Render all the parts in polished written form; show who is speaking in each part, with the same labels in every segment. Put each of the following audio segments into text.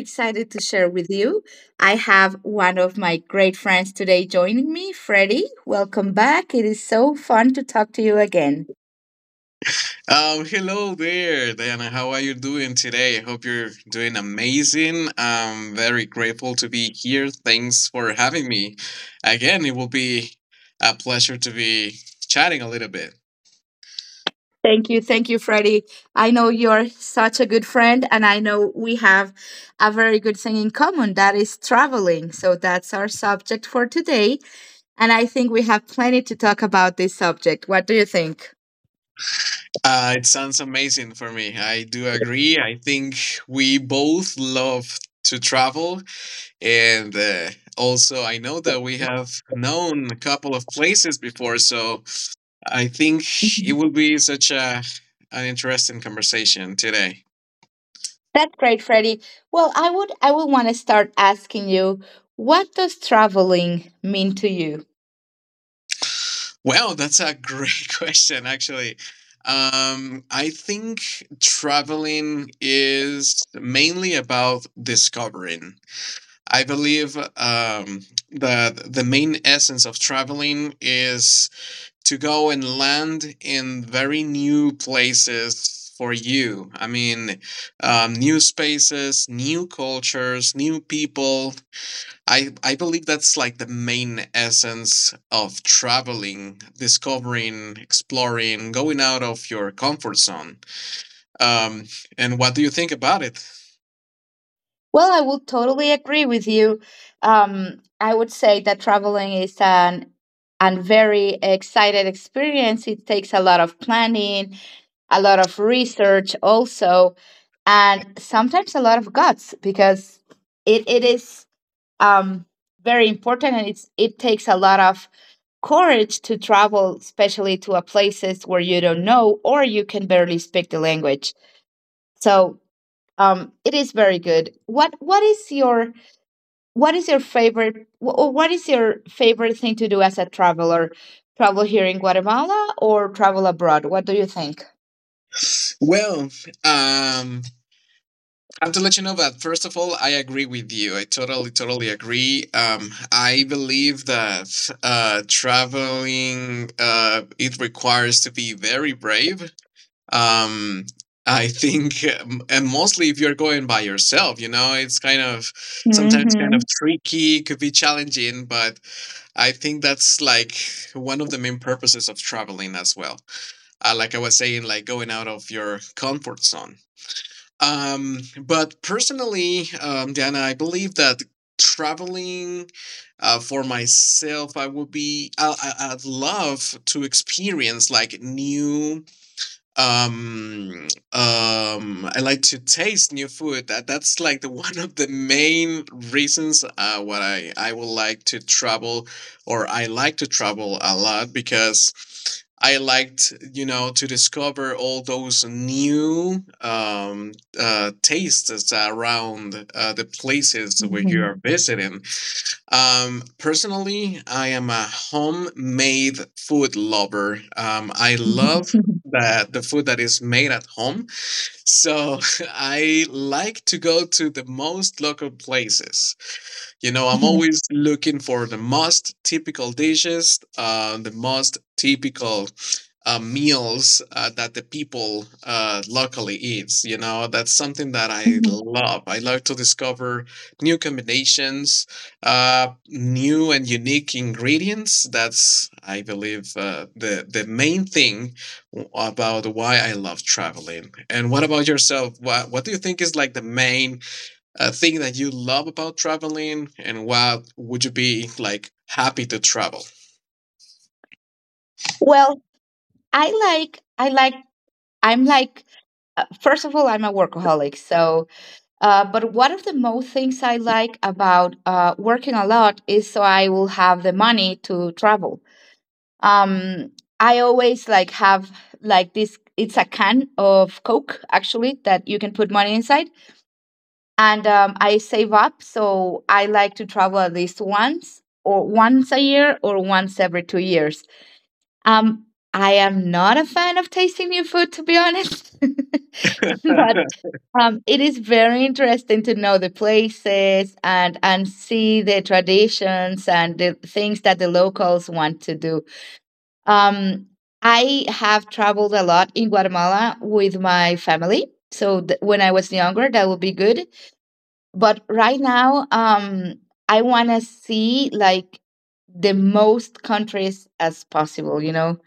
Speaker 1: excited to share with you. I have one of my great friends today joining me, Freddie. Welcome back. It is so fun to talk to you again.
Speaker 2: hello there, Diana. How are you doing today? I hope you're doing amazing. I'm very grateful to be here. Thanks for having me. Again, it will be a pleasure to be chatting a little bit.
Speaker 1: Thank you. Thank you, Freddie. I know you're such a good friend, and I know we have a very good thing in common that is traveling. So, that's our subject for today. And I think we have plenty to talk about this subject. What do you think?
Speaker 2: It sounds amazing for me. I do agree. I think we both love to travel. And also, I know that we have known a couple of places before. So I think it
Speaker 1: Mhm.
Speaker 2: will be such a an interesting conversation today.
Speaker 1: That's great, Freddie. Well, I would want to start asking you, what does traveling mean to you?
Speaker 2: Well, that's a great question, actually. I think traveling is mainly about discovering. I believe that the main essence of traveling is to go and land in very new places for you. I mean, new spaces, new cultures, new people. I believe that's like the main essence of traveling, discovering, exploring, going out of your comfort zone. Um, and what do you think about it?
Speaker 1: Well, I would totally agree with you. I would say that traveling is an and very excited experience. It takes a lot of planning, a lot of research also, and sometimes a lot of guts because it is um, very important and it takes a lot of courage to travel, especially to a places where you don't know or you can barely speak the language. So it is very good. What is your what is your favorite or what is your favorite thing to do as a traveler? Travel here in Guatemala or travel abroad? What do you think?
Speaker 2: Well, um, I have to let you know that first of all, I agree with you. I totally, totally agree. I believe that traveling it requires to be very brave um I think. And mostly if you're going by yourself, you know, it's kind of sometimes kind of
Speaker 1: Mhm.
Speaker 2: tricky, could be challenging, but I think that's like one of the main purposes of traveling as well. Like I was saying, like going out of your comfort zone. But personally, Diana, I believe that traveling for myself, I would be I, I'd love to experience like new um I like to taste new food. That that's like the one of the main reasons what I would like to travel, or I like to travel a lot because I liked, you know, to discover all those new tastes around the places where you
Speaker 1: Mhm.
Speaker 2: are visiting. Personally, I am a homemade food lover. I
Speaker 1: Mhm.
Speaker 2: love
Speaker 1: Mhm.
Speaker 2: the food that is made at home. So I like to go to the most local places. You know, I'm
Speaker 1: Mhm. Mhm.
Speaker 2: always looking for the most typical dishes, the most typical meals that the people locally eats. You know, that's something that I love. I love to discover new combinations, new and unique ingredients. That's, I believe, the main thing about why I love traveling. And what about yourself? What do you think is like the main a thing that you love about traveling, and what would you be like happy to travel?
Speaker 1: Well, I I like I'm like first of all, I'm a workaholic, so but one of the most things I like about working a lot is so I will have the money to travel. Um, I always have this. It's a can of Coke actually that you can put money inside, and I save up. So I like to travel at least once or once a year or once every 2 years. Um, I am not a fan of tasting new food to be honest, but it is very interesting to know the places and see the traditions and the things that the locals want to do. Um, I have traveled a lot in Guatemala with my family. So when I was younger, that would be good. But right now, I want to see like the most countries as possible. You know,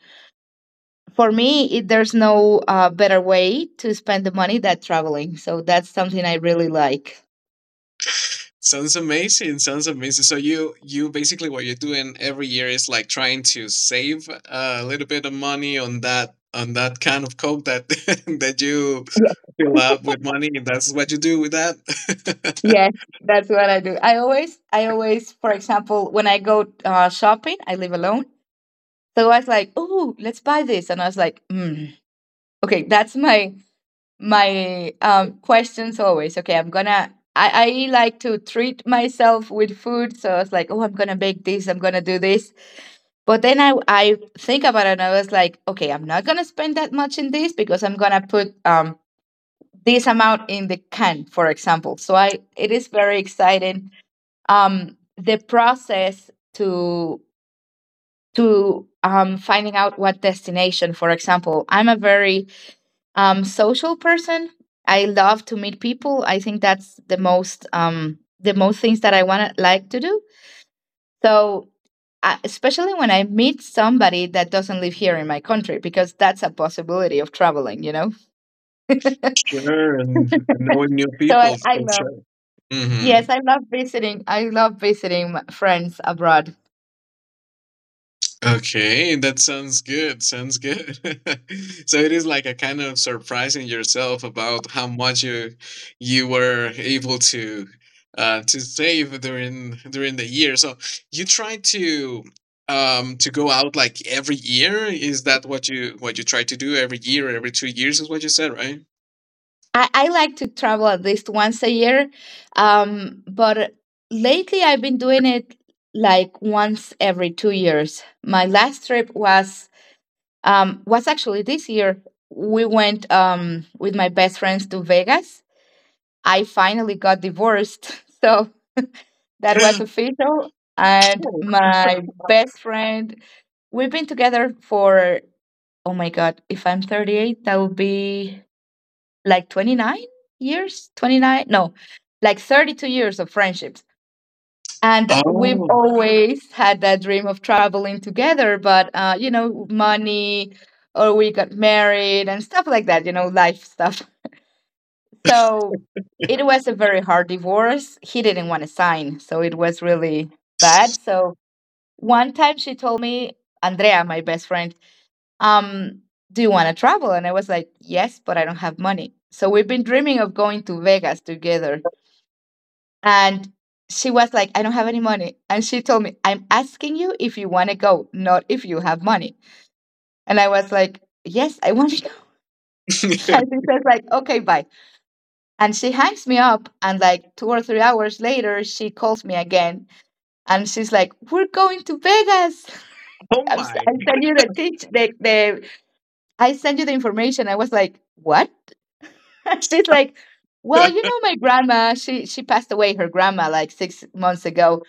Speaker 1: for me, there's no better way to spend the money than traveling. So that's something I really like.
Speaker 2: Sounds amazing, sounds amazing. So you basically, what you're doing every year is like trying to save a little bit of money on that, on that kind of coke that that you
Speaker 1: Yes,
Speaker 2: fill up with money? That's what you do with that.
Speaker 1: yes, that's what I do. For example, when I go shopping, I live alone. So I was like, "Oh, let's buy this," and I was like, "Okay, that's my questions always." Okay, I'm gonna. I like to treat myself with food, so I was like, "Oh, I'm gonna bake this. I'm gonna do this." But then I think about it, and I was like, "Okay, I'm not gonna spend that much in this because I'm gonna put this amount in the can, for example." So I it is very exciting the process to finding out what destination, for example. I'm a very social person. I love to meet people. I think that's the most things that I want to like to do. So especially when I meet somebody that doesn't live here in my country, because that's a possibility of traveling, you know. So
Speaker 2: Sure. And knowing new people
Speaker 1: I
Speaker 2: for
Speaker 1: love,
Speaker 2: sure. Hmm.
Speaker 1: yes, I love visiting. I love visiting my friends abroad.
Speaker 2: Okay, that sounds good. Sounds good. So it is like a kind of surprising yourself about how much you were able to save during the year. So you try to go out like every year. Is that what you try to do every year, every two years is what you said, right?
Speaker 1: I like to travel at least once a year, but lately I've been doing it like once every 2 years. My last trip was actually this year. We went with my best friends to Vegas. I finally got divorced, so that was official. And my best friend, we've been together for, oh my god, if I'm 38, that would be like 29, no, 32 years of friendships. And we've
Speaker 2: oh
Speaker 1: always had that dream of traveling together, but you know, money, or we got married and stuff like that, you know, life stuff. So it was a very hard divorce, he didn't want to sign, so it was really bad. So one time she told me, Andrea, my best friend, um, do you want to travel? And I was like, yes, but I don't have money. So we've been dreaming of going to Vegas together. And she was like, I don't have any money. And she told me, I'm asking you if you want to go, not if you have money. And I was like, yes, I want to go. And she says like, okay, bye. And she hangs me up. And like 2 or 3 hours later, she calls me again. And she's like, we're going to Vegas.
Speaker 2: oh, my
Speaker 1: I sent you the, teach, the, I sent you the information. I was like, what? She's like, well, you know, my grandma, she passed away, her grandma, like 6 months ago,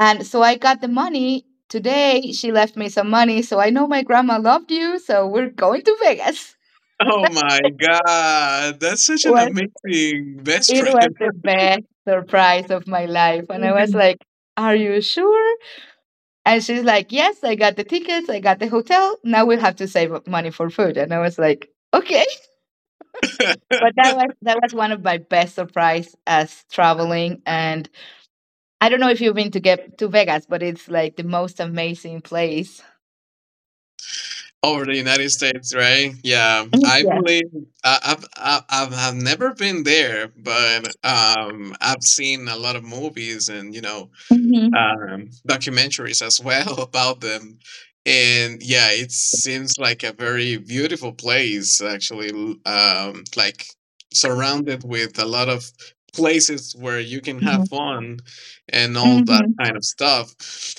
Speaker 1: and so I got the money today. She left me some money, so I know my grandma loved you, so we're going to Vegas.
Speaker 2: oh my God, that's such an
Speaker 1: Well,
Speaker 2: amazing best
Speaker 1: it was
Speaker 2: friend.
Speaker 1: the best surprise of my life, and I was like, are you sure? And she's like, yes, I got the tickets, I got the hotel. Now we'll have to save up money for food, and I was like, okay. But that was one of my best surprise as traveling. And I don't know if you've been to Vegas, but it's like the most amazing place.
Speaker 2: Over the United States, right? Yeah,
Speaker 1: Mm,
Speaker 2: I
Speaker 1: yes.
Speaker 2: believe I've never been there, but I've seen a lot of movies, and you know,
Speaker 1: Hmm,
Speaker 2: documentaries as well about them. And yeah, it seems like a very beautiful place, actually, like surrounded with a lot of places where you can have
Speaker 1: hmm,
Speaker 2: fun and all that
Speaker 1: hmm.
Speaker 2: kind of stuff.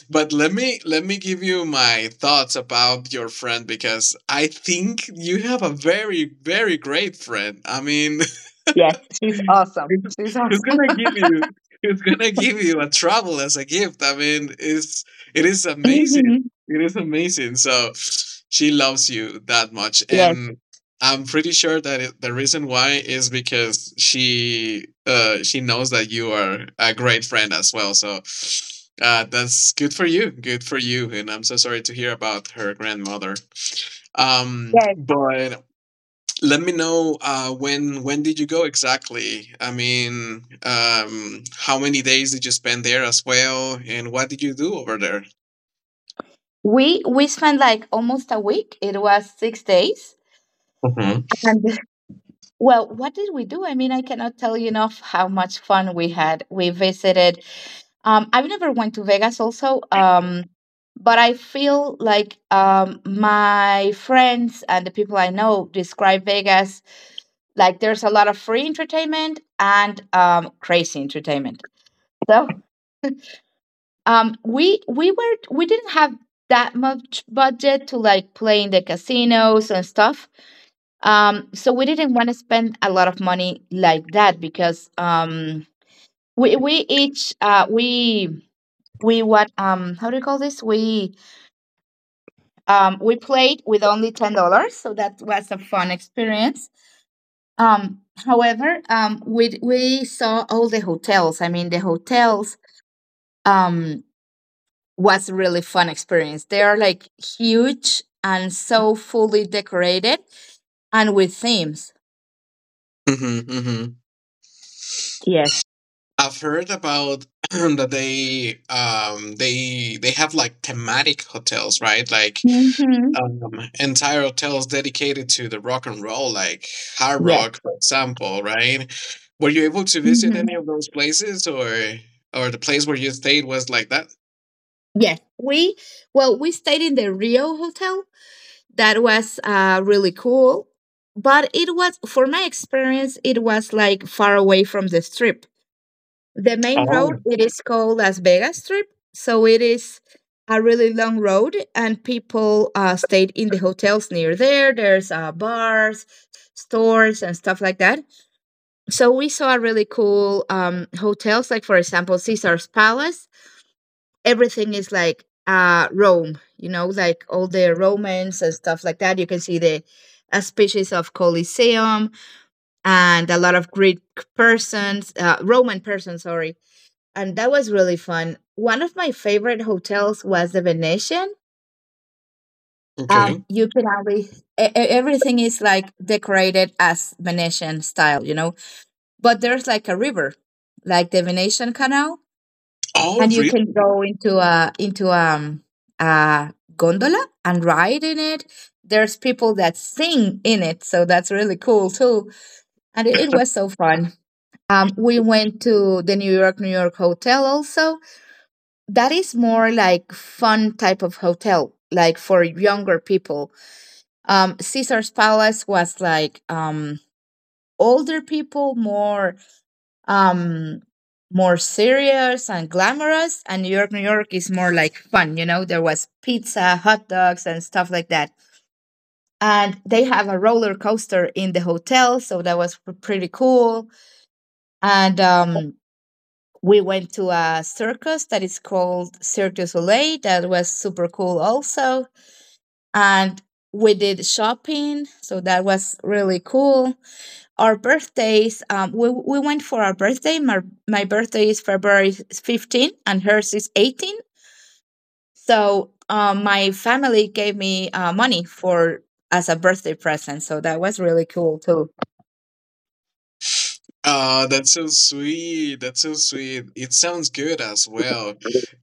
Speaker 2: But let me give you my thoughts about your friend, because I think you have a very great friend. I mean,
Speaker 1: Yes, she's awesome. She's
Speaker 2: who's
Speaker 1: awesome.
Speaker 2: gonna give you? Who's gonna give you a travel as a gift? I mean, it is amazing.
Speaker 1: Hmm.
Speaker 2: It is amazing. So she loves you that much,
Speaker 1: Yes,
Speaker 2: and I'm pretty sure that the reason why is because she knows that you are a great friend as well. So that's good for you. Good for you. And I'm so sorry to hear about her grandmother.
Speaker 1: yes.
Speaker 2: But let me know when did you go exactly? I mean, how many days did you spend there as well, and what did you do over there?
Speaker 1: We spent like almost a week. It was 6 days.
Speaker 2: Mhm.
Speaker 1: And well, what did we do? I mean, I cannot tell you enough how much fun we had. We visited. I've never went to Vegas, also, but I feel like my friends and the people I know describe Vegas like there's a lot of free entertainment and crazy entertainment. So we didn't have that much budget to like play in the casinos and stuff. So we didn't want to spend a lot of money like that, because we each we what how do you call this we played with only $10. So that was a fun experience. However, we saw all the hotels. I mean, the hotels um was really fun experience. They are like huge and so fully decorated and with themes.
Speaker 2: Hmm, hmm.
Speaker 1: Yes.
Speaker 2: I've heard about that they they have like thematic hotels, right? Like
Speaker 1: Mm-hmm.
Speaker 2: um, entire hotels dedicated to the rock and roll, like Hard
Speaker 1: Yes.
Speaker 2: Rock, for example, right? Were you able to visit
Speaker 1: Mm-hmm.
Speaker 2: any of those places, or the place where you stayed was like that?
Speaker 1: Yes, we stayed in the Rio hotel. That was really cool, but it was, for my experience, it was like far away from the strip. The main road
Speaker 2: Oh,
Speaker 1: it is called Las Vegas Strip, so it is a really long road, and people stayed in the hotels near there. There's bars, stores, and stuff like that. So we saw really cool hotels, like for example Caesar's Palace. Everything is like Rome, you know, like all the Romans and stuff like that. You can see the a species of Colosseum and a lot of Greek persons, Roman persons, sorry, and that was really fun. One of my favorite hotels was the Venetian.
Speaker 2: okay.
Speaker 1: You can always everything is like decorated as Venetian style, you know. But there's like a river, like the Venetian Canal,
Speaker 2: Oh,
Speaker 1: and you can
Speaker 2: really?
Speaker 1: go into a gondola and ride in it. There's people that sing in it, so that's really cool too. And it was so fun. We went to the New York New York Hotel also, that is more like fun type of hotel, like for younger people. Caesar's Palace was like older people, more um more serious and glamorous, and New York New York is more like fun, you know. There was pizza, hot dogs, and stuff like that, and they have a roller coaster in the hotel, so that was pretty cool. And we went to a circus that is called Cirque du Soleil. That was super cool, also. And we did shopping, so that was really cool. Our birthdays, we went for our birthday. My birthday is February 15th and hers is 18th, so my family gave me money for as a birthday present. So that was really cool too.
Speaker 2: That sounds sweet. That sounds sweet. It sounds good as well.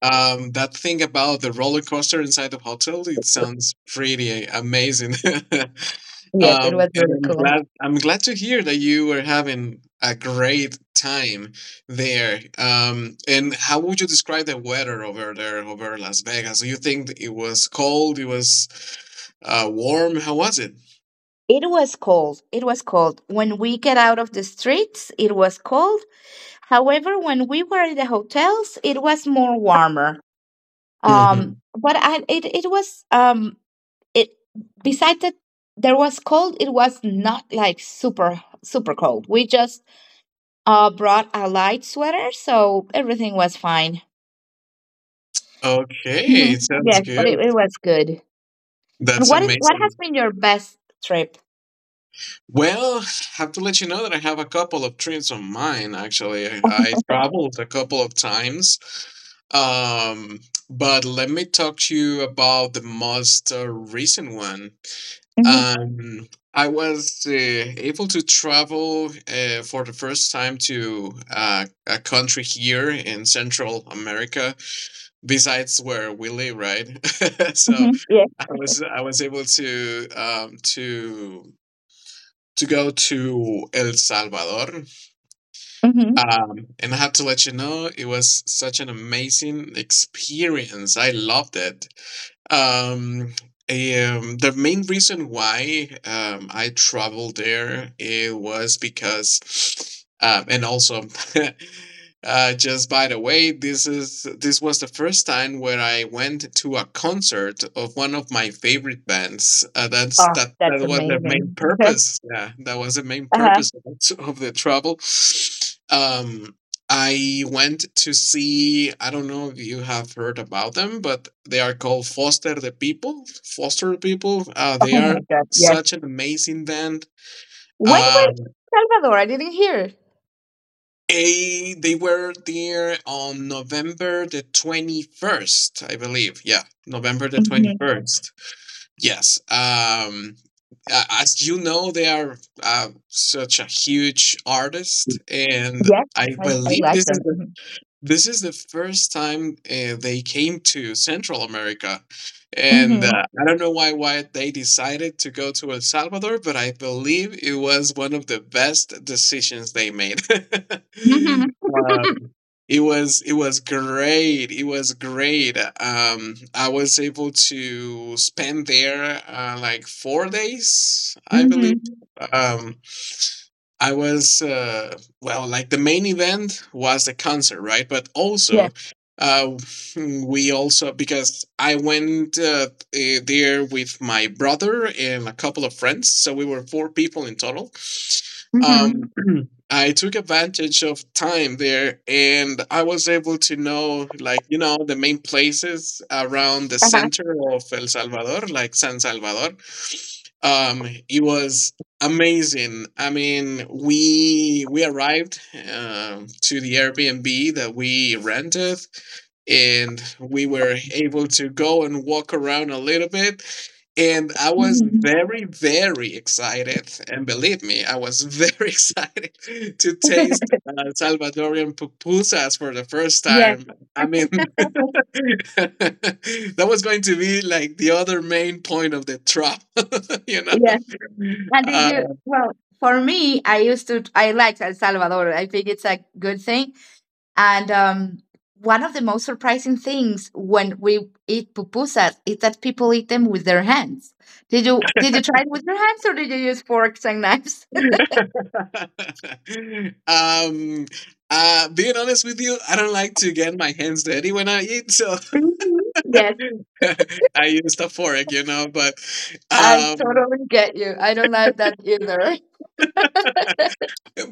Speaker 2: That thing about the roller coaster inside the hotel, it sounds pretty amazing.
Speaker 1: Yes, it was
Speaker 2: And
Speaker 1: really cool.
Speaker 2: I'm glad to hear that you were having a great time there. And how would you describe the weather over there, over Las Vegas? Do you think it was cold? It was warm? How was it?
Speaker 1: It was cold. It was cold. When we get out of the streets, it was cold. However, when we were in the hotels, it was more warmer.
Speaker 2: Hmm.
Speaker 1: But it it was it besides that there was cold. It was not like super super cold. We just brought a light sweater, so everything was fine.
Speaker 2: Okay,
Speaker 1: Mhm.
Speaker 2: sounds
Speaker 1: Yes, but it
Speaker 2: good.
Speaker 1: was good. And
Speaker 2: That's
Speaker 1: what is, what has
Speaker 2: amazing.
Speaker 1: been your best trip?
Speaker 2: Well, have to let you know that I have a couple of trips on mine, actually. I traveled a couple of times. Um, but let me talk to you about the most recent one.
Speaker 1: Mhm,
Speaker 2: Um, I was able to travel for the first time to a country here in Central America, besides where we live, right? So
Speaker 1: mhm, yeah.
Speaker 2: I was able to to go to El Salvador.
Speaker 1: Mhm.
Speaker 2: And I have to let you know, it was such an amazing experience. I loved it. Um, the main reason why I traveled there it was because, and also, just by the way, this is this was the first time where I went to a concert of one of my favorite bands. That's
Speaker 1: Oh, that's
Speaker 2: that was the main
Speaker 1: amazing.
Speaker 2: purpose. Yeah, that was the main
Speaker 1: Uh-huh.
Speaker 2: purpose of the travel. Um, I went to see, I don't know if you have heard about them, but they are called Foster the People. Foster the People.
Speaker 1: Oh
Speaker 2: They are
Speaker 1: my God. Yes.
Speaker 2: such an amazing band.
Speaker 1: When was
Speaker 2: Um,
Speaker 1: Salvador? I didn't hear.
Speaker 2: they were there on November the 21st, I believe. Yeah, November the
Speaker 1: Hmm
Speaker 2: 21st. Yes. As you know, they are such a huge artist, and
Speaker 1: Yes,
Speaker 2: I
Speaker 1: I
Speaker 2: believe
Speaker 1: like
Speaker 2: this is
Speaker 1: them.
Speaker 2: the
Speaker 1: Mm-hmm.
Speaker 2: this is the first time they came to Central America, and
Speaker 1: Mm-hmm.
Speaker 2: I don't know why they decided to go to El Salvador, but I believe it was one of the best decisions they made.
Speaker 1: Mm-hmm.
Speaker 2: um, it was great. It was great. I was able to spend there like four days, I believe.
Speaker 1: Mm-hmm.
Speaker 2: Um, I was well, like the main event was the concert, right? But
Speaker 1: Yes.
Speaker 2: also, uh, we also, because I went there with my brother and a couple of friends, so we were four people in total. Um,
Speaker 1: Mm-hmm.
Speaker 2: I took advantage of time there, and I was able to know, like, you know, the main places around the
Speaker 1: Uh-huh.
Speaker 2: center of El Salvador, like San Salvador. It was amazing. I mean, we arrived to the Airbnb that we rented, and we were able to go and walk around a little bit. And I was
Speaker 1: hmm
Speaker 2: very, very excited. And believe me, I was very excited to taste Salvadorian pupusas for the first
Speaker 1: Yes.
Speaker 2: time. I mean, that was going to be like the other main point of the trip, you know?
Speaker 1: Yes. And did
Speaker 2: Uh,
Speaker 1: you? Well, for me, I used to. I like El Salvador. I think it's a good thing. And one of the most surprising things when we eat pupusas is that people eat them with their hands. Did you try it with your hands or did you use forks and knives?
Speaker 2: um being honest with you, I don't like to get my hands dirty when I eat, so
Speaker 1: Mhm. Yes,
Speaker 2: I use the fork, you know. But
Speaker 1: I
Speaker 2: um
Speaker 1: totally get you. I don't like that either.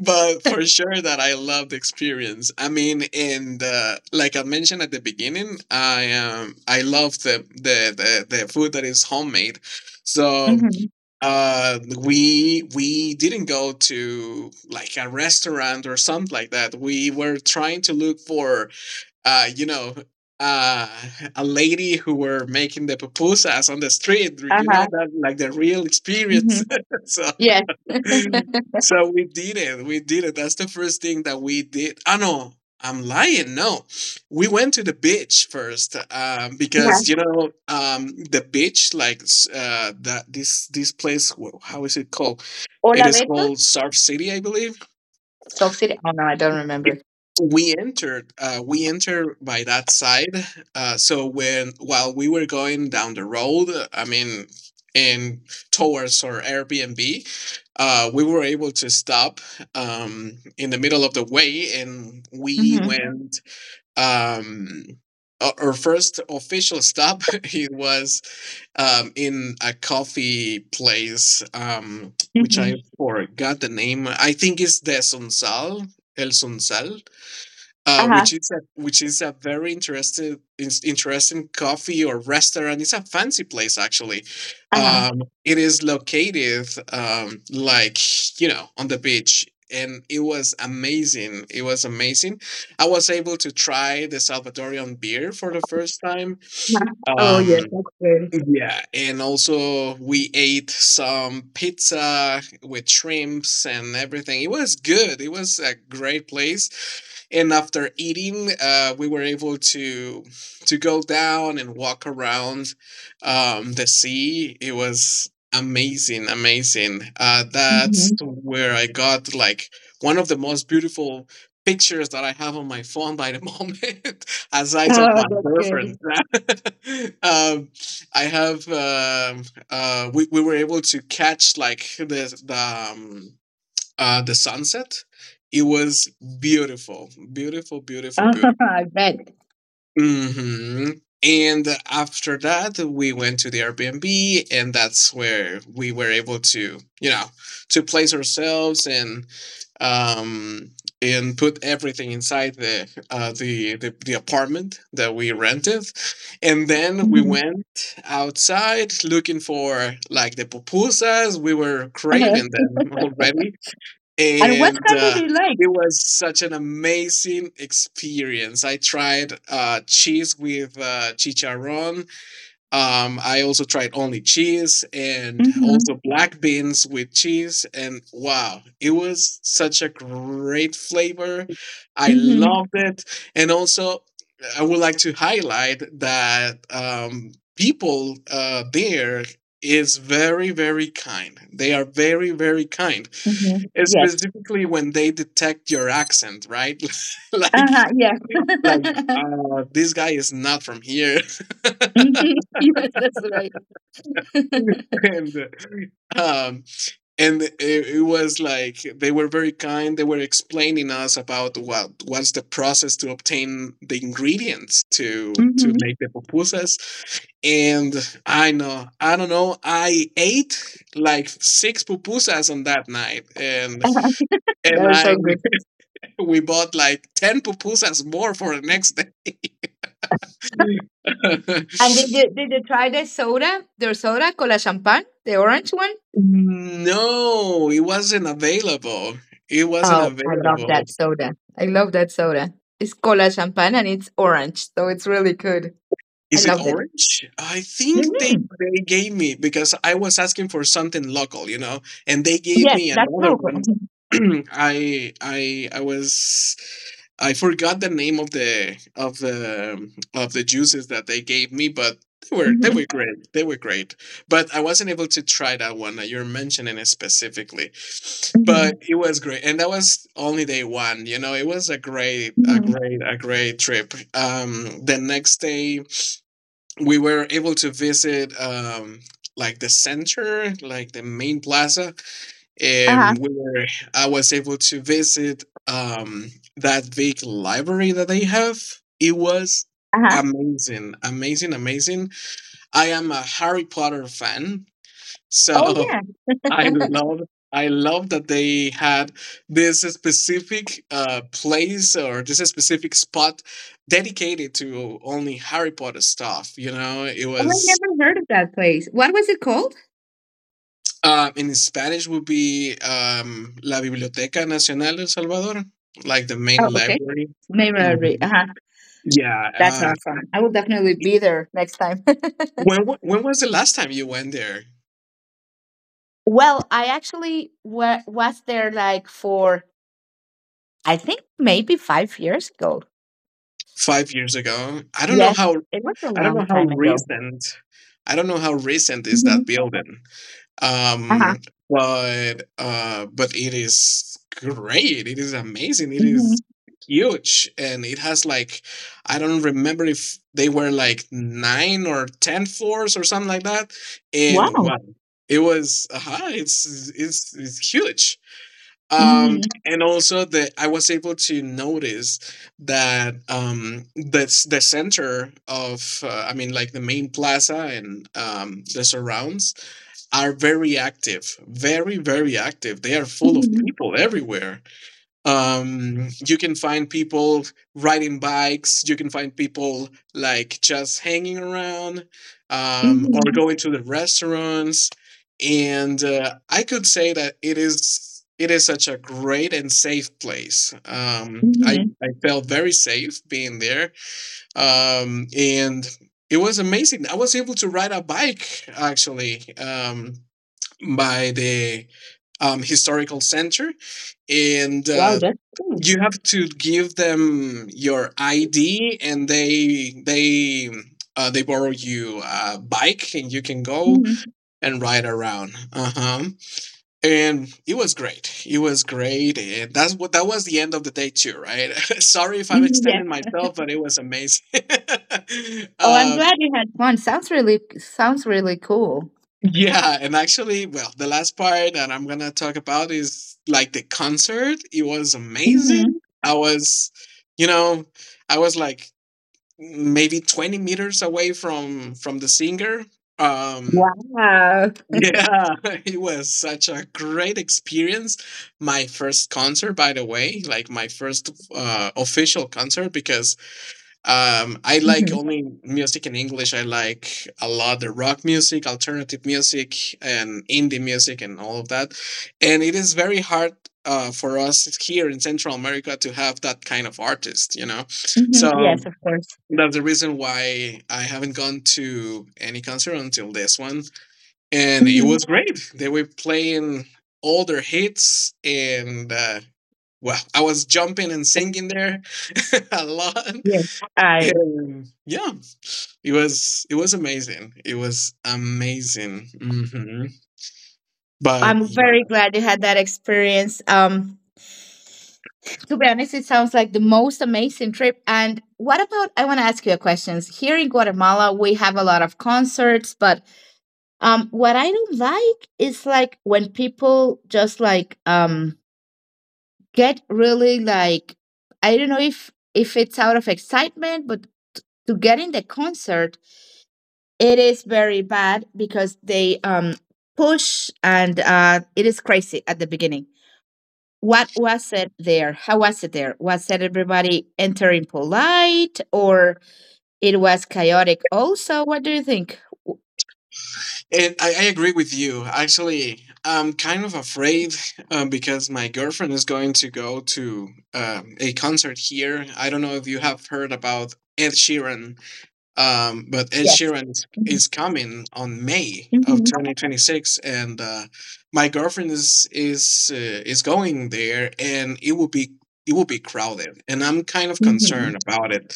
Speaker 2: but for sure that I love the experience. I mean, in the like I mentioned at the beginning, I love the food that is homemade. So
Speaker 1: Mm-hmm.
Speaker 2: we didn't go to like a restaurant or something like that. We were trying to look for you know, uh, a lady who were making the pupusas on the street. You know,
Speaker 1: Uh-huh.
Speaker 2: that like the real experience.
Speaker 1: hmm
Speaker 2: So,
Speaker 1: Yes. yeah.
Speaker 2: so we did it. We did it. That's the first thing that we did. I know. I'm lying. No, we went to the beach first, because you know, the beach, that. This place. How is it called? It
Speaker 1: Hola,
Speaker 2: is
Speaker 1: Beto.
Speaker 2: called Surf City, I believe.
Speaker 1: Soul City. Oh, no, I don't
Speaker 2: Yeah.
Speaker 1: remember.
Speaker 2: We entered we entered by that side, so when while we were going down the road, I mean in towards our Airbnb, we were able to stop in the middle of the way, and we
Speaker 1: Mm-hmm.
Speaker 2: went um, our first official stop it was in a coffee place which I
Speaker 1: Mm-hmm.
Speaker 2: forgot the name. I think it's the Sunsal, El Sunsal,
Speaker 1: Uh-huh.
Speaker 2: which is a very interesting coffee or restaurant. It's a fancy place, actually.
Speaker 1: Uh-huh.
Speaker 2: It is located, like you know, on the beach, and it was amazing. It was amazing. I was able to try the Salvadorian beer for the first time.
Speaker 1: Uh-huh. Oh, yes,
Speaker 2: Um,
Speaker 1: that's good.
Speaker 2: yeah, and also we ate some pizza with shrimps and everything. It was good. It was a great place, and after eating, we were able to go down and walk around the sea. It was amazing, amazing. That's
Speaker 1: Mm-hmm.
Speaker 2: where I got like one of the most beautiful pictures that I have on my phone by the moment, aside of my
Speaker 1: Oh, that's
Speaker 2: girlfriend.
Speaker 1: good.
Speaker 2: um, I have we were able to catch like the, the sunset. It was beautiful, beautiful, beautiful, beautiful.
Speaker 1: I bet.
Speaker 2: Hmm. And after that, we went to the Airbnb, and that's where we were able to, you know, to place ourselves um, and put everything inside the the apartment that we rented, and then we
Speaker 1: Mm-hmm.
Speaker 2: went outside looking for like the pupusas. We were craving them already,
Speaker 1: And what
Speaker 2: and
Speaker 1: country do you like?
Speaker 2: it was such an amazing experience. I tried cheese with chicharron. I also tried only cheese and
Speaker 1: Mm-hmm.
Speaker 2: also black beans with cheese. And wow, it was such a great flavor. I
Speaker 1: Mm-hmm.
Speaker 2: loved it. And also, I would like to highlight that, people, there is very, very kind. They are very, very kind,
Speaker 1: Mm-hmm. Yes.
Speaker 2: specifically when they detect your accent, right? Like,
Speaker 1: Uh-huh. Yes.
Speaker 2: like uh, this guy is not from here,
Speaker 1: hmm Yes, that's right.
Speaker 2: and um, and it, it was like they were very kind. They were explaining us about what's the process to obtain the ingredients to
Speaker 1: hmm
Speaker 2: make the pupusas. And I know, I don't know, I ate like six pupusas on that night, and and
Speaker 1: They're
Speaker 2: I
Speaker 1: so good.
Speaker 2: we bought like 10 pupusas more for the next day.
Speaker 1: And did they, did they try the soda? Their soda, cola champagne, the orange one?
Speaker 2: No, it wasn't available. It wasn't
Speaker 1: Oh, I love
Speaker 2: available.
Speaker 1: that soda. I love that soda. It's cola champagne and it's orange, so it's really good. I
Speaker 2: Is it
Speaker 1: loved it.
Speaker 2: orange? I think they
Speaker 1: Hmm
Speaker 2: they gave me because I was asking for something local, you know, and they gave
Speaker 1: Yes,
Speaker 2: me
Speaker 1: that's
Speaker 2: another
Speaker 1: local.
Speaker 2: one. I I I was I forgot the name of the of the juices that they gave me, but they were
Speaker 1: Mm-hmm.
Speaker 2: great. They were great, but I wasn't able to try that one that you're mentioning it specifically.
Speaker 1: Mm-hmm.
Speaker 2: But it was great, and that was only day one. You know, it was a
Speaker 1: Mm-hmm.
Speaker 2: great trip. The next day we were able to visit like the center, like the main plaza,
Speaker 1: Uh-huh.
Speaker 2: and I was able to visit that big library that they have. It was
Speaker 1: Uh-huh.
Speaker 2: amazing, amazing, amazing. I am a Harry Potter fan,
Speaker 1: Oh
Speaker 2: so
Speaker 1: yeah.
Speaker 2: I love. I love that they had this specific, place or this specific spot dedicated to only Harry Potter stuff. You know, it
Speaker 1: Oh, I
Speaker 2: was
Speaker 1: never heard of that place. What was it called?
Speaker 2: um, in Spanish would be La Biblioteca Nacional de El Salvador, like the
Speaker 1: Oh,
Speaker 2: main
Speaker 1: okay.
Speaker 2: library.
Speaker 1: Memory.
Speaker 2: Mhm.
Speaker 1: Uh-huh.
Speaker 2: Yeah.
Speaker 1: That's our fun. I will definitely be there next time.
Speaker 2: When was the last time you went there?
Speaker 1: Well, I actually was there like for, I think maybe 5 years ago.
Speaker 2: 5 years ago. I don't know
Speaker 1: Yes,
Speaker 2: how.
Speaker 1: it was a
Speaker 2: I don't know
Speaker 1: long
Speaker 2: how
Speaker 1: time ago.
Speaker 2: recent. I don't know how recent is
Speaker 1: Hmm
Speaker 2: that building. Um,
Speaker 1: Uh-huh.
Speaker 2: but but it is great. It is amazing. It is
Speaker 1: hmm
Speaker 2: huge, and it has like I don't remember if they were like nine or ten floors or something like that. And
Speaker 1: Wow.
Speaker 2: wow, it was it's huge.
Speaker 1: hmm
Speaker 2: And also that I was able to notice that, that's the center of, I mean like the main plaza, and the surrounds are very active, very, very active. They are full of
Speaker 1: hmm
Speaker 2: people everywhere. You can find people riding bikes, you can find people like just hanging around or
Speaker 1: hmm
Speaker 2: going to the restaurants. And I could say that it is. It is such a great and safe place.
Speaker 1: hmm
Speaker 2: I felt very safe being there. And it was amazing. I was able to ride a bike, actually. By the, historical center, and
Speaker 1: Wow, that's cool.
Speaker 2: you have to give them your ID, and they borrow you a bike, and you can go
Speaker 1: hmm
Speaker 2: and ride around. Uh huh. And it was great. It was great, and that's what that was the end of the day too, right? Sorry if I'm
Speaker 1: hmm Yes.
Speaker 2: extending myself, but it was amazing.
Speaker 1: Oh, I'm
Speaker 2: um,
Speaker 1: glad you had fun. Sounds really cool.
Speaker 2: Yeah, and actually, well, the last part that I'm gonna talk about is like the concert. It was
Speaker 1: hmm
Speaker 2: amazing. You know, I was like maybe 20 meters away from the singer. Um,
Speaker 1: Wow.
Speaker 2: yeah, it was such a great experience. My first concert, by the way, like my first, official concert, because, I like
Speaker 1: hmm
Speaker 2: only music in English. I like a lot the rock music, alternative music, and indie music, and all of that. And it is very hard, for us here in Central America to have that kind of artist, you know.
Speaker 1: hmm
Speaker 2: So
Speaker 1: Yes, of course.
Speaker 2: that's the reason why I haven't gone to any concert until this one. And it
Speaker 1: Mhm.
Speaker 2: was great. They were playing all their hits, and well, I was jumping and singing there a lot.
Speaker 1: Yes, I
Speaker 2: And yeah, it was amazing. It was amazing. Hmm. But
Speaker 1: I'm
Speaker 2: yeah.
Speaker 1: very glad you had that experience. To be honest, it sounds like the most amazing trip. And what about? I want to ask you a question. Here in Guatemala, we have a lot of concerts, but what I don't like is like when people just like get really like I don't know if it's out of excitement, but to get in the concert, it is very bad because they push and it is crazy at the beginning. What was it there? How was it there? Was it everybody entering polite or it was chaotic also? What do you think? W-
Speaker 2: And I agree with you. Actually, I'm kind of afraid because my girlfriend is going to go to a concert here. I don't know if you have heard about Ed Sheeran. But Ed
Speaker 1: Yes.
Speaker 2: Sheeran is, is coming on May of
Speaker 1: Mm-hmm.
Speaker 2: 2026, and my girlfriend is going there, and it will be crowded, and I'm kind of
Speaker 1: Mm-hmm.
Speaker 2: concerned about it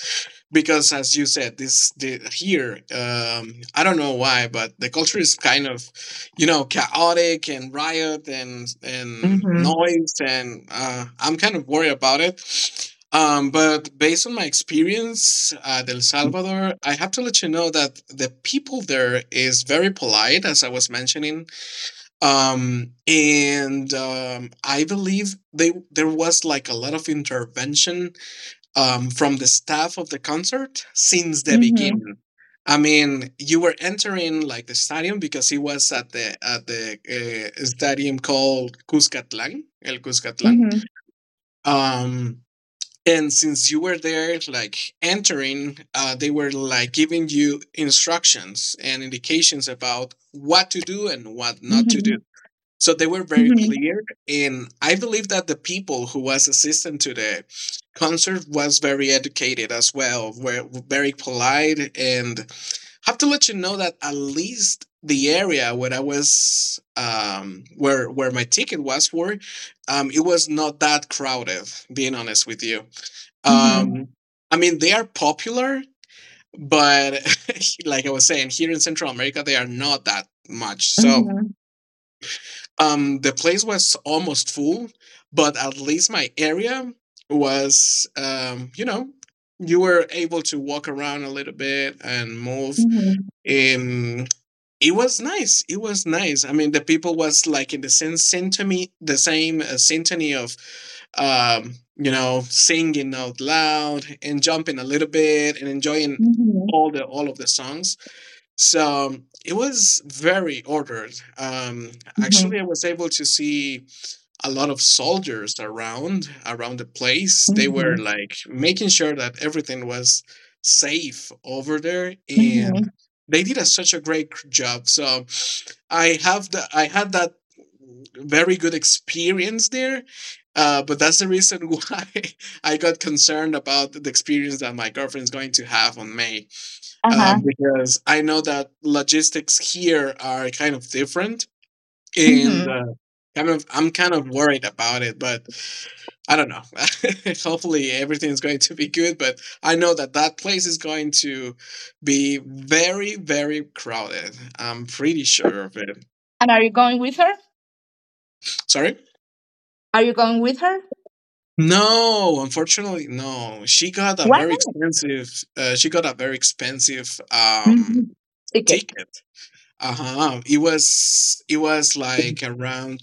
Speaker 2: because, as you said, this the, here, I don't know why, but the culture is kind of, you know, chaotic and riot and
Speaker 1: Mm-hmm.
Speaker 2: noise, and I'm kind of worried about it. But based on my experience at El Salvador, I have to let you know that the people there is very polite, as I was mentioning. And I believe they there was like a lot of intervention from the staff of the concert since the
Speaker 1: Mm-hmm.
Speaker 2: beginning. I mean, you were entering like the stadium because it was at the stadium called Cuscatlan, El Cuscatlan.
Speaker 1: Mm-hmm.
Speaker 2: Um, and since you were there, like entering, they were like giving you instructions and indications about what to do and what not to
Speaker 1: Mm-hmm.
Speaker 2: do. So they were very clear, and I believe that the people who was assistant to the concert was very educated as well, were very polite, and have to let you know that at least the area where I was, where my ticket was for, it was not that crowded. Being honest with you,
Speaker 1: Mm-hmm. Mm-hmm.
Speaker 2: um, I mean, they are popular, but like I was saying, here in Central America, they are not that much.
Speaker 1: Mm-hmm.
Speaker 2: So
Speaker 1: Mm-hmm.
Speaker 2: the place was almost full, but at least my area was, you know, you were able to walk around a little bit and move.
Speaker 1: Mm-hmm.
Speaker 2: Um, it was nice. It was nice. I mean, the people was like in the same symphony, the same, symphony of, you know, singing out loud and jumping a little bit and enjoying all the all of the songs. So it was very ordered. Um,
Speaker 1: Mm-hmm.
Speaker 2: actually, I was able to see a lot of soldiers around the place. They were
Speaker 1: Mm-hmm.
Speaker 2: like making sure that everything was safe over there,
Speaker 1: Mm-hmm.
Speaker 2: and they did a, such a great job. So I have the I had that very good experience there. But that's the reason why I got concerned about the experience that my girlfriend's going to have on May,
Speaker 1: Uh-huh.
Speaker 2: because I know that logistics here are kind of different and
Speaker 1: Mm-hmm.
Speaker 2: I'm kind of worried about it, but I don't know. Hopefully everything is going to be good, but I know that that place is going to be very, very crowded. I'm pretty sure of it.
Speaker 1: And are you going with her?
Speaker 2: Sorry.
Speaker 1: Are you going with her?
Speaker 2: No, unfortunately, no.
Speaker 1: Why not?
Speaker 2: She got a very expensive,
Speaker 1: Mm-hmm. Ticket.
Speaker 2: ticket. Uh-huh. It was like around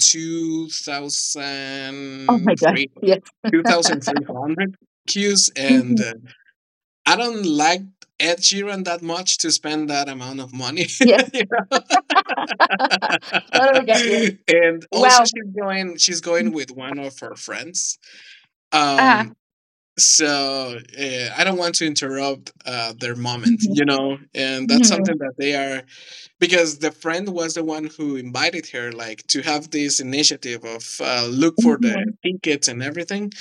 Speaker 1: Oh my God.
Speaker 2: 2003
Speaker 1: Yes.
Speaker 2: 2,300 cues, and
Speaker 1: Mhm.
Speaker 2: I don't like Ed Sheeran that much to spend that amount of money.
Speaker 1: Yes.
Speaker 2: You know?
Speaker 1: Totally get you.
Speaker 2: And also
Speaker 1: Well,
Speaker 2: she's going with one of her friends.
Speaker 1: uh-huh.
Speaker 2: Um so I don't want to interrupt their moment,
Speaker 1: hmm
Speaker 2: you know, and that's
Speaker 1: hmm
Speaker 2: something that they are, because the friend was the one who invited her, like, to have this initiative of look for the
Speaker 1: hmm
Speaker 2: tickets and everything,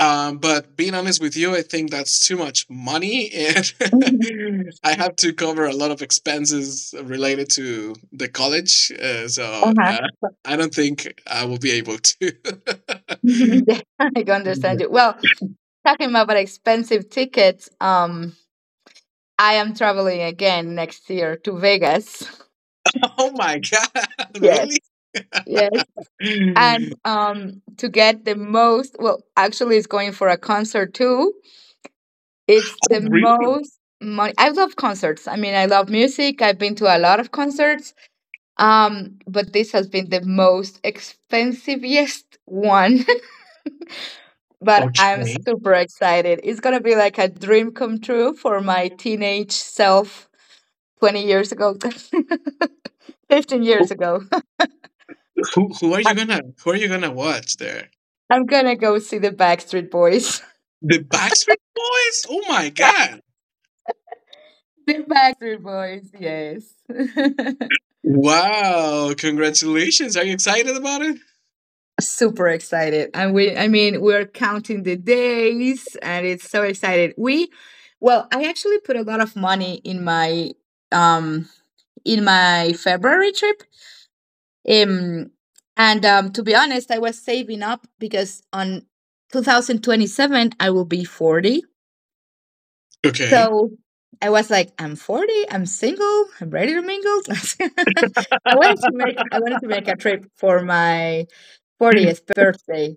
Speaker 2: but being honest with you, I think that's too much money, and
Speaker 1: hmm
Speaker 2: I have to cover a lot of expenses related to the college, uh, so
Speaker 1: uh-huh.
Speaker 2: uh, I don't think I will be able to.
Speaker 1: Mhm. Yeah, I can understand you. Well, talking about expensive tickets, I am traveling again next year to Vegas.
Speaker 2: Oh my god.
Speaker 1: Yes,
Speaker 2: Really?
Speaker 1: yes. And um, to get the most, well, actually, it's going for a concert too. It's
Speaker 2: Oh,
Speaker 1: the
Speaker 2: really?
Speaker 1: most money. I love concerts. I mean, I love music. I've been to a lot of concerts. But this has been the most expensivest one, but I'm
Speaker 2: Okay.
Speaker 1: super excited. It's gonna be like a dream come true for my teenage self 20 years ago, 15 years
Speaker 2: who,
Speaker 1: ago.
Speaker 2: who are you gonna who are you gonna watch there?
Speaker 1: I'm gonna go see the Backstreet Boys.
Speaker 2: The Backstreet Boys? Oh my god.
Speaker 1: The Backstreet Boys, yes.
Speaker 2: Wow. Congratulations. Are you excited about it?
Speaker 1: Super excited. And we I mean we're counting the days, and it's so excited. We Well, I actually put a lot of money in my um February trip. Um, and To be honest, I was saving up because on 2027, I will be 40.
Speaker 2: Okay.
Speaker 1: So I was like, I'm 40, I'm single, I'm ready to mingle. I wanted to make I wanted to make a trip for my 40th birthday.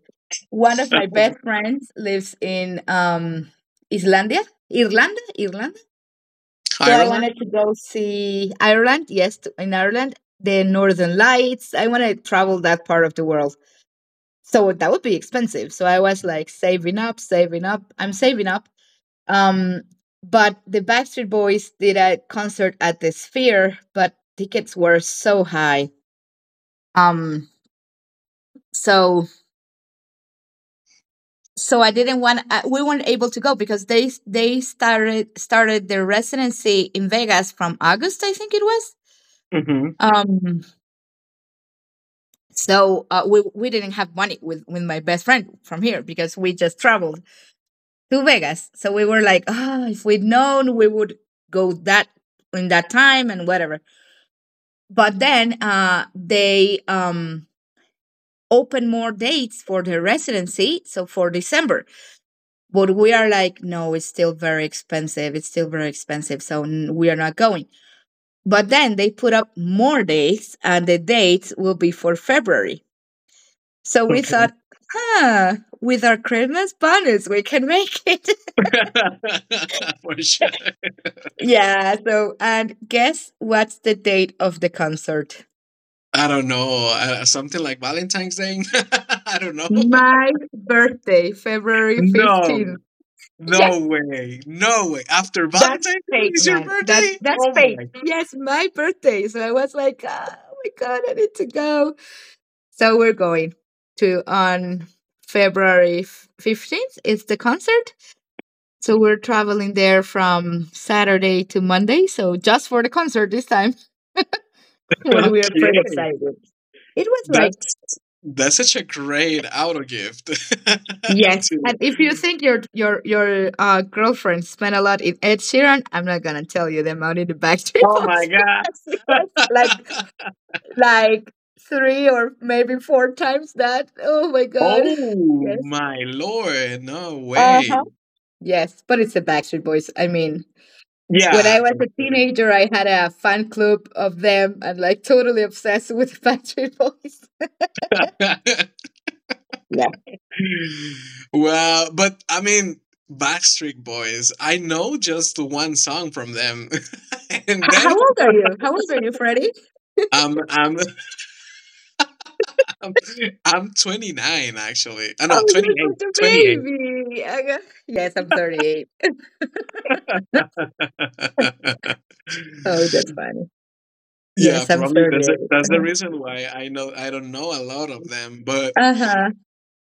Speaker 1: One of my best friends lives in Islandia, Irlanda, Irlanda, so I
Speaker 2: Ireland?
Speaker 1: wanted to go see Ireland. Yes, in Ireland, the Northern Lights. I want to travel that part of the world. So that would be expensive. So I was like saving up, saving up. I'm saving up. Um, but the Backstreet Boys did a concert at the Sphere, but tickets were so high. Um, so so I didn't want. We weren't able to go because they started their residency in Vegas from August, I think it was.
Speaker 2: Mm-hmm.
Speaker 1: Um, So we didn't have money with my best friend from here because we just traveled to Vegas. So we were like, ah, oh, if we'd known, we would go that in that time and whatever. But then they open more dates for the residency, so for December. But we are like, no, it's still very expensive. It's still very expensive, so we are not going. But then they put up more dates, and the dates will be for February. So we
Speaker 2: Okay.
Speaker 1: thought, huh, with our Christmas bonus, we can make it.
Speaker 2: For sure.
Speaker 1: yeah. So, and guess what's the date of the concert?
Speaker 2: I don't know. Something like Valentine's Day? I don't know.
Speaker 1: My birthday, February 15th.
Speaker 2: No.
Speaker 1: Yes,
Speaker 2: No way. No way. After Valentine's
Speaker 1: that's
Speaker 2: Day
Speaker 1: fake,
Speaker 2: is your
Speaker 1: man. That's
Speaker 2: birthday?
Speaker 1: that's
Speaker 2: Oh
Speaker 1: fake.
Speaker 2: my.
Speaker 1: Yes, my birthday. So I was like, oh my god, I need to go. So we're going to on February 15th. It's the concert, so we're traveling there from Saturday to Monday. So just for the concert this time. But we are pretty
Speaker 2: Okay.
Speaker 1: excited. It was like
Speaker 2: That's that's such a great auto gift
Speaker 1: yes.
Speaker 2: to.
Speaker 1: And if you think your girlfriend spent a lot in Ed Sheeran, I'm not gonna tell you the amount in the Backstreet
Speaker 2: Oh my
Speaker 1: Boys
Speaker 2: god.
Speaker 1: because it was like three or maybe four times that. Oh my god.
Speaker 2: Oh
Speaker 1: Yes.
Speaker 2: my lord, no
Speaker 1: Uh
Speaker 2: way.
Speaker 1: huh. Yes, but it's the Backstreet Boys. I mean, when I
Speaker 2: Yeah,
Speaker 1: was
Speaker 2: for
Speaker 1: a teenager, I had a fan club of them and like totally obsessed with Backstreet Boys.
Speaker 2: sure.
Speaker 1: Yeah.
Speaker 2: Well, but I mean, Backstreet Boys, I know just one song from them. And
Speaker 1: How
Speaker 2: then
Speaker 1: old are you? How old are you, Freddie?
Speaker 2: I'm, I'm I'm I'm 29 actually. Oh no,
Speaker 1: Oh, you're
Speaker 2: 28,
Speaker 1: just a
Speaker 2: 28.
Speaker 1: baby. Yes, I'm 38. Oh, that's funny.
Speaker 2: Yeah,
Speaker 1: Yes, I'm
Speaker 2: probably that's it.
Speaker 1: 38.
Speaker 2: That's the reason why I don't know a lot of them, but
Speaker 1: Uh huh.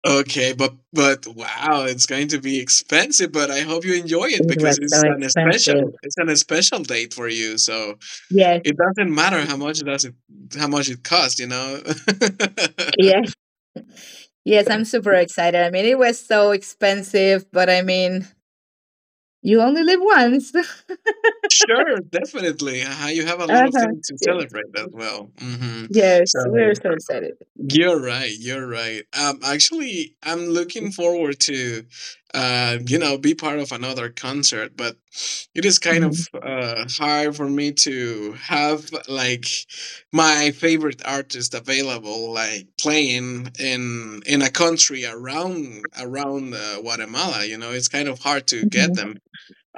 Speaker 2: okay, but wow, it's going to be expensive, but I hope you enjoy it
Speaker 1: It
Speaker 2: because
Speaker 1: was so
Speaker 2: it's an
Speaker 1: expensive.
Speaker 2: special it's an special date for you. So
Speaker 1: Yes,
Speaker 2: it doesn't matter how much it costs, you know.
Speaker 1: yes, yes. I'm super excited. I mean, it was so expensive, but I mean, you only live once. Uh
Speaker 2: Sure, definitely. You have a lot of
Speaker 1: huh.
Speaker 2: things to
Speaker 1: Yes,
Speaker 2: celebrate as well. Hmm.
Speaker 1: yes. We're
Speaker 2: So,
Speaker 1: so excited.
Speaker 2: you're right. You're right. Actually, I'm looking forward to, you know, be part of another concert, but it is kind
Speaker 1: Mhm,
Speaker 2: of hard for me to have like my favorite artist available, like playing in a country around Guatemala. You know, it's kind of hard to get
Speaker 1: mhm.
Speaker 2: them.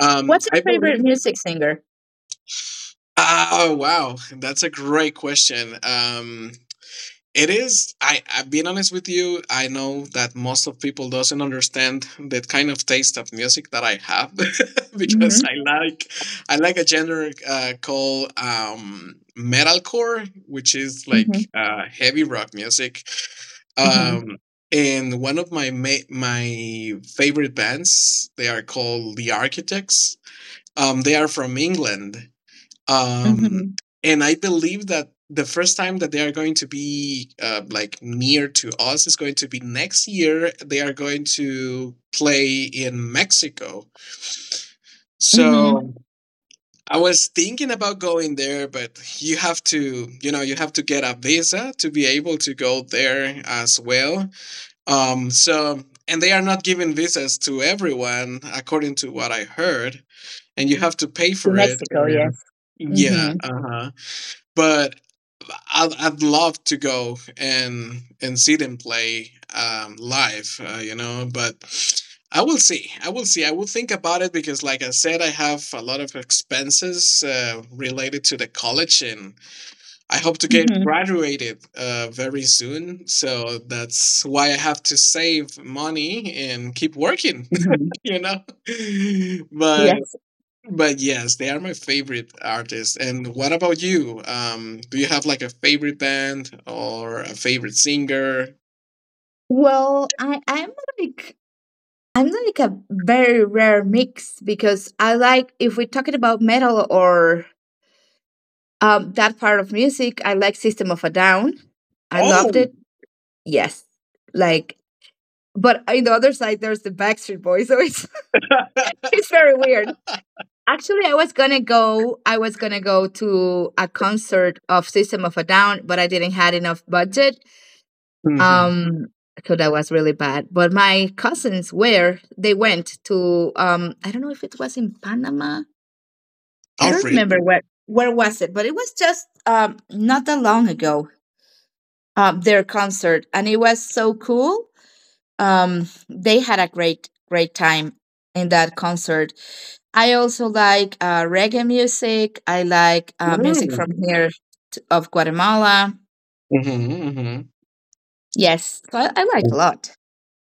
Speaker 1: What's your
Speaker 2: I
Speaker 1: favorite
Speaker 2: believe.
Speaker 1: music singer?
Speaker 2: Oh wow, that's a great question. It is. I being honest with you, I know that most of people doesn't understand the kind of taste of music that I have
Speaker 1: Mhm,
Speaker 2: because I like a genre called metalcore, which is
Speaker 1: mhm,
Speaker 2: like heavy rock music.
Speaker 1: mhm,
Speaker 2: Um, and one of my favorite bands, they are called The Architects. They are from England, um
Speaker 1: mhm,
Speaker 2: and I believe that the first time that they are going to be like near to us is going to be next year. They are going to play in Mexico,
Speaker 1: mhm.
Speaker 2: so I was thinking about going there, but you have to get a visa to be able to go there as well. um so and they are not giving visas to everyone, according to what I heard, and you have to pay
Speaker 1: To
Speaker 2: for it,
Speaker 1: Mexico, yes.
Speaker 2: and yeah.
Speaker 1: Mhm,
Speaker 2: Uh-huh. But I'd love to go and see them play live, you know. But I will see. I will see. I will think about it because, like I said, I have a lot of expenses related to the college, and I hope to get
Speaker 1: mhm,
Speaker 2: graduated very soon. So that's why I have to save money and keep working,
Speaker 1: mhm.
Speaker 2: you know. but
Speaker 1: Yes.
Speaker 2: but yes, they are my favorite artists. And what about you? Do you have like a favorite band or a favorite singer?
Speaker 1: Well, like I'm like a very rare mix because I like if we're talking about metal or that part of music, I like System of a Down. I loved
Speaker 2: Oh.
Speaker 1: it. Yes. Like, but in the other side, there's the Backstreet Boys, so it's it's very weird. Actually, I was gonna go. I was gonna go to a concert of System of a Down, but I didn't had enough budget.
Speaker 2: Hmm.
Speaker 1: Um, so that was really bad. But my cousins were. They went to. I don't know if it was in Panama. I
Speaker 2: Oh,
Speaker 1: don't remember
Speaker 2: really?
Speaker 1: where. Where was it? But it was just not that long ago. Their concert, and it was so cool. They had a great great time in that concert. I also like reggae music. I like music from
Speaker 2: Mm.
Speaker 1: here t of Guatemala.
Speaker 2: Hmm. Hmm.
Speaker 1: Yes, so I like a lot.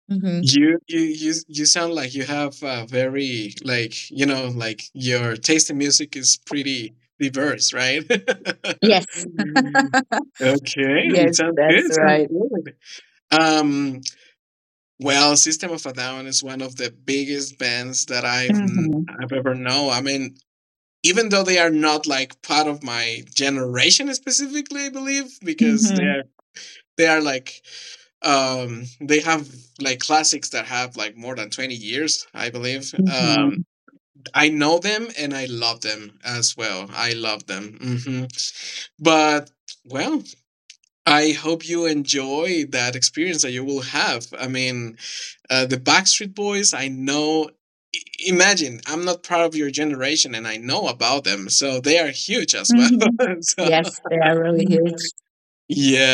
Speaker 1: Hmm
Speaker 2: You sound like you have a very, like, you know, like, your taste in music is pretty diverse, right? Okay,
Speaker 1: Yes,
Speaker 2: it
Speaker 1: yes,
Speaker 2: sounds
Speaker 1: that's
Speaker 2: good. Sounds
Speaker 1: right.
Speaker 2: good. Um, Well, System of a Down is one of the biggest bands that
Speaker 1: hmm
Speaker 2: I've ever know. I mean, even though they are not like part of my generation specifically, I believe, because
Speaker 1: hmm
Speaker 2: they are like, they have like classics that have like more than 20 years, I believe.
Speaker 1: hmm
Speaker 2: I know them and I love them as well. I love them. Hmm. But well, I hope you enjoy that experience that you will have. I mean, the Backstreet Boys, I know. I- Imagine, I'm not part of your generation, and I know about them, so they are huge as well.
Speaker 1: hmm
Speaker 2: So,
Speaker 1: Yes, they are really huge.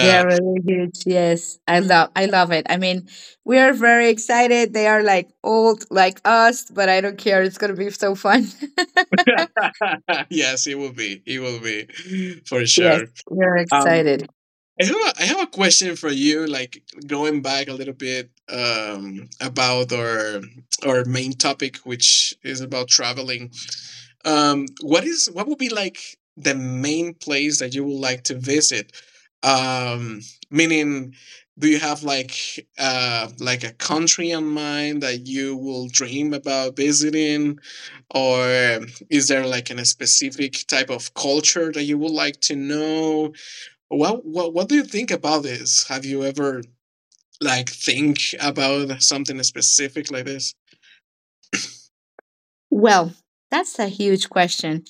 Speaker 1: They are really huge. Yes, I love it. I mean, we are very excited. They are like old, like us, but I don't care. It's gonna be so fun.
Speaker 2: Yes, it will be, for
Speaker 1: Yes,
Speaker 2: sure.
Speaker 1: we're
Speaker 2: Um,
Speaker 1: excited.
Speaker 2: I have a question for you, like going back a little bit, about our main topic, which is about traveling. What would be like the main place that you would like to visit? Um, Meaning, do you have like, like a country in mind that you will dream about visiting, or is there like a specific type of culture that you would like to know? What do you think about this? Have you ever like think about something specific like this?
Speaker 1: Well, that's a huge question.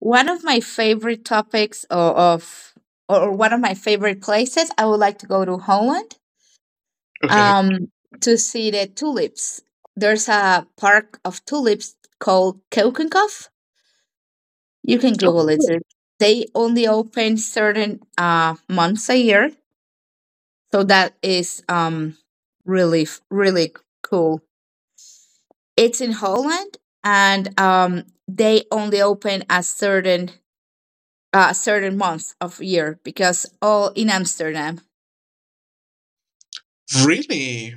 Speaker 1: One of my favorite topics or one of my favorite places, I would like to go to Holland
Speaker 2: Okay.
Speaker 1: um to see the tulips. There's a park of tulips called Keukenhof. You can Google it. They only open certain months a year, so that is really really cool. It's in Holland, and they only open a certain month of year because all in Amsterdam.
Speaker 2: Really?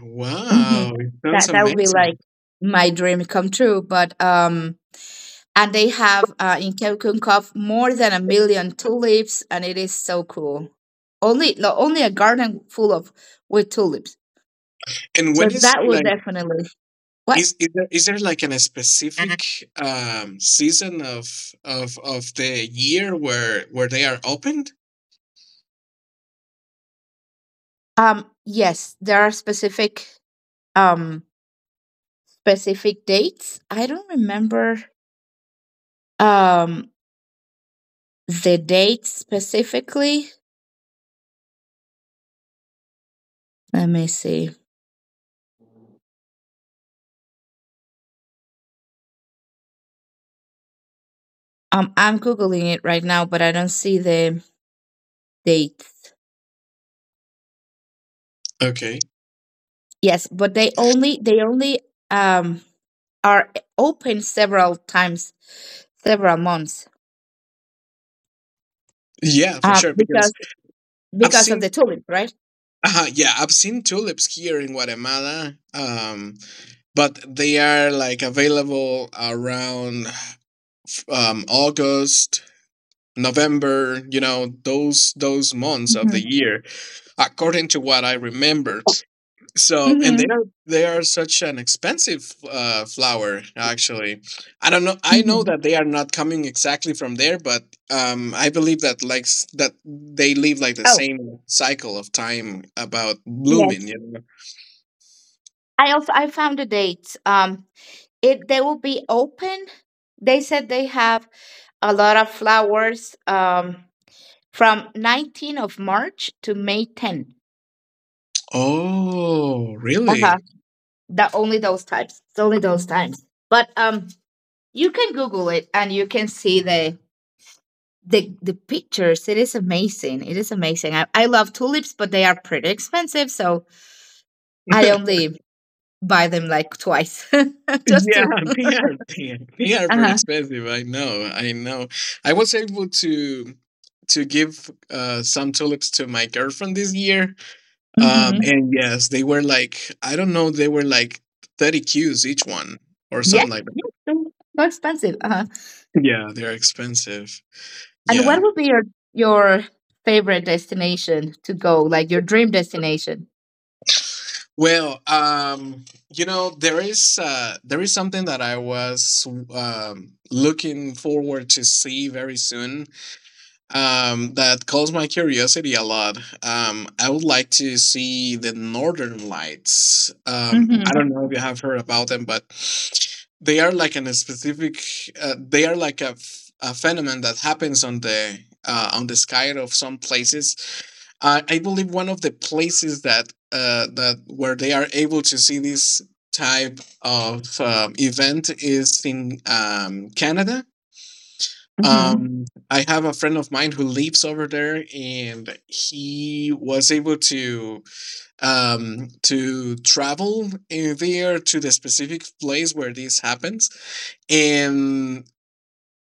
Speaker 1: hmm
Speaker 2: Wow, it sounds
Speaker 1: that would be
Speaker 2: amazing.
Speaker 1: like my dream come true. But and they have in Keukenhof more than a million tulips, and it is so cool. Only no, only a garden full of with tulips.
Speaker 2: And
Speaker 1: So
Speaker 2: when is
Speaker 1: that would
Speaker 2: like
Speaker 1: definitely what
Speaker 2: is there like an specific season of the year where they are opened?
Speaker 1: yes, there are specific um specific dates. I don't remember um the dates specifically. Let me see. I'm googling it right now, but I don't see the dates.
Speaker 2: Okay.
Speaker 1: Yes, but they only um are open several times, several months.
Speaker 2: Yeah, for
Speaker 1: Um,
Speaker 2: sure, because
Speaker 1: because
Speaker 2: I've
Speaker 1: because of
Speaker 2: seen
Speaker 1: the tourists, right?
Speaker 2: yeah, I've seen tulips here in Guatemala, but they are like available around August, November, you know, those months of the
Speaker 1: hmm
Speaker 2: year, according to what I remember. So, and they
Speaker 1: hmm
Speaker 2: are they are such an expensive flower. Actually, I don't know. I know
Speaker 1: hmm
Speaker 2: that they are not coming exactly from there, but I believe that like that they live like the
Speaker 1: Oh
Speaker 2: same cycle of time about blooming.
Speaker 1: yes,
Speaker 2: You know?
Speaker 1: I also I found the dates. It They will be open. They said they have a lot of flowers. From 19th of March to May 10.
Speaker 2: Oh, really?
Speaker 1: The only those types. It's only those times. But you can Google it and you can see the pictures. It is amazing. It is amazing. I love tulips, but they are pretty expensive, so I only buy them like twice, just
Speaker 2: Yeah,
Speaker 1: two.
Speaker 2: they
Speaker 1: Uh
Speaker 2: are they are they are very
Speaker 1: huh.
Speaker 2: expensive. I know, I know. I was able to give some tulips to my girlfriend this year.
Speaker 1: Mm-hmm.
Speaker 2: And yes, they were like, I don't know, they were like 30 cues each one or
Speaker 1: Yeah.
Speaker 2: something like
Speaker 1: Yeah. So expensive. Uh huh.
Speaker 2: that. Yeah, they're expensive.
Speaker 1: And
Speaker 2: Yeah.
Speaker 1: what would be your favorite destination to go, like your dream destination?
Speaker 2: Well, you know, there is something that I was, looking forward to see very soon, that calls my curiosity a lot. I would like to see the Northern Lights. I don't
Speaker 1: Mm-hmm.
Speaker 2: know if you have heard about them, but they are like an a specific. They are like a phenomenon that happens on the sky of some places. I believe one of the places that where they are able to see this type of event is in Canada.
Speaker 1: Mm-hmm.
Speaker 2: I have a friend of mine who lives over there, and he was able to, to travel in there to the specific place where this happens, and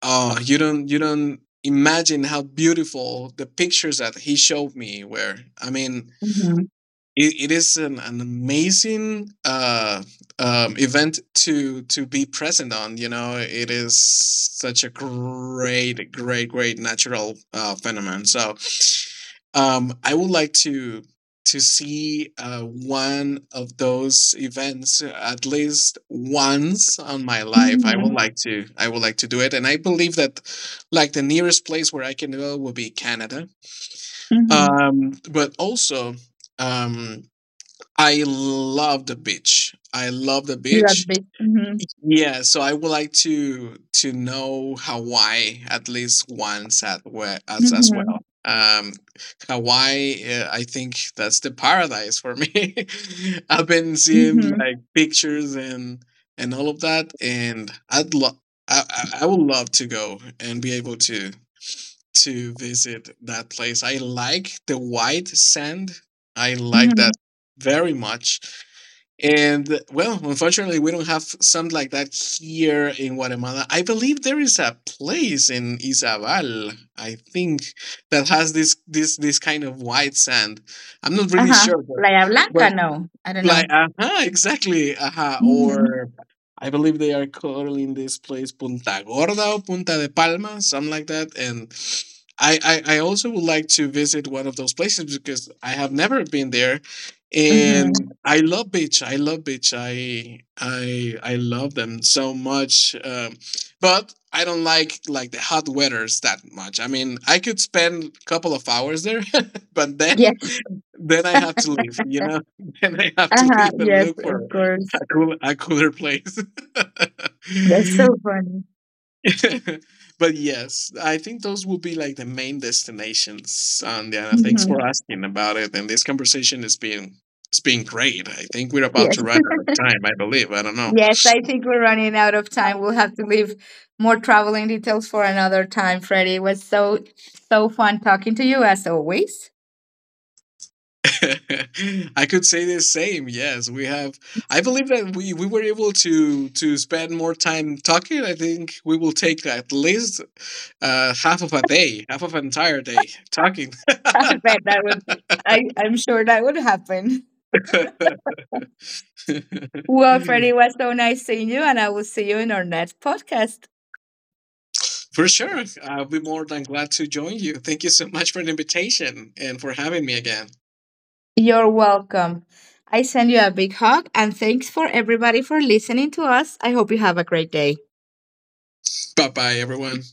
Speaker 2: you don't, you don't imagine how beautiful the pictures that he showed me were. I mean,
Speaker 1: Mm-hmm.
Speaker 2: it is an amazing event to be present on. You know, it is such a great, great, great natural phenomenon. So, I would like to see one of those events at least once on my life. I would
Speaker 1: Mm-hmm.
Speaker 2: like to. I would like to do it, and I believe that like the nearest place where I can go will be Canada.
Speaker 1: Mm-hmm.
Speaker 2: But also, um I love the beach. I love the
Speaker 1: You love
Speaker 2: beach.
Speaker 1: beach. Mm-hmm.
Speaker 2: Yeah, so I would like to know Hawaii at least once at where as
Speaker 1: Mm-hmm.
Speaker 2: well. Hawaii, I think that's the paradise for me. I've been seeing
Speaker 1: Mm-hmm.
Speaker 2: like pictures and all of that, and I'd lo- I would love to go and be able to visit that place. I like the white sand. I like that
Speaker 1: Mm-hmm.
Speaker 2: very much. And well, unfortunately, we don't have something like that here in Guatemala. I believe there is a place in Izabal, I think, that has this kind of white sand. I'm not really
Speaker 1: Uh-huh.
Speaker 2: sure, but
Speaker 1: Playa Blanca?
Speaker 2: but
Speaker 1: No, I don't
Speaker 2: like,
Speaker 1: know.
Speaker 2: aha, exactly, aha.
Speaker 1: Mhm.
Speaker 2: Or I believe they are calling this place Punta Gorda or Punta de Palma, something like that. And I, I also would like to visit one of those places because I have never been there. And
Speaker 1: Mhm.
Speaker 2: I love beach. I love beach. I love them so much. But I don't like the hot weathers that much. I mean, I could spend a couple of hours there, but then
Speaker 1: Yes.
Speaker 2: then I have to leave, you know? Then I have to
Speaker 1: Uh-huh.
Speaker 2: leave and
Speaker 1: Yes,
Speaker 2: look
Speaker 1: of
Speaker 2: for
Speaker 1: course.
Speaker 2: a cooler place.
Speaker 1: That's so funny.
Speaker 2: But yes, I think those will be like the main destinations. And Diana, thanks for
Speaker 1: Mhm.
Speaker 2: asking about it. And this conversation has been it's been great. I think we're about
Speaker 1: Yes.
Speaker 2: to run out of time, I believe. I don't know.
Speaker 1: Yes, I think we're running out of time. We'll have to leave more traveling details for another time, Freddie. It was so fun talking to you as always.
Speaker 2: I could say the same. Yes, we have. I believe that we were able to spend more time talking. I think we will take at least half of a day, half of an entire day talking.
Speaker 1: I bet that would. I'm sure that would happen. Well, Freddie, it was so nice seeing you, and I will see you in our next podcast.
Speaker 2: For sure, I'll be more than glad to join you. Thank you so much for the invitation and for having me again.
Speaker 1: You're welcome. I send you a big hug, and thanks for everybody for listening to us. I hope you have a great day.
Speaker 2: Bye bye, everyone.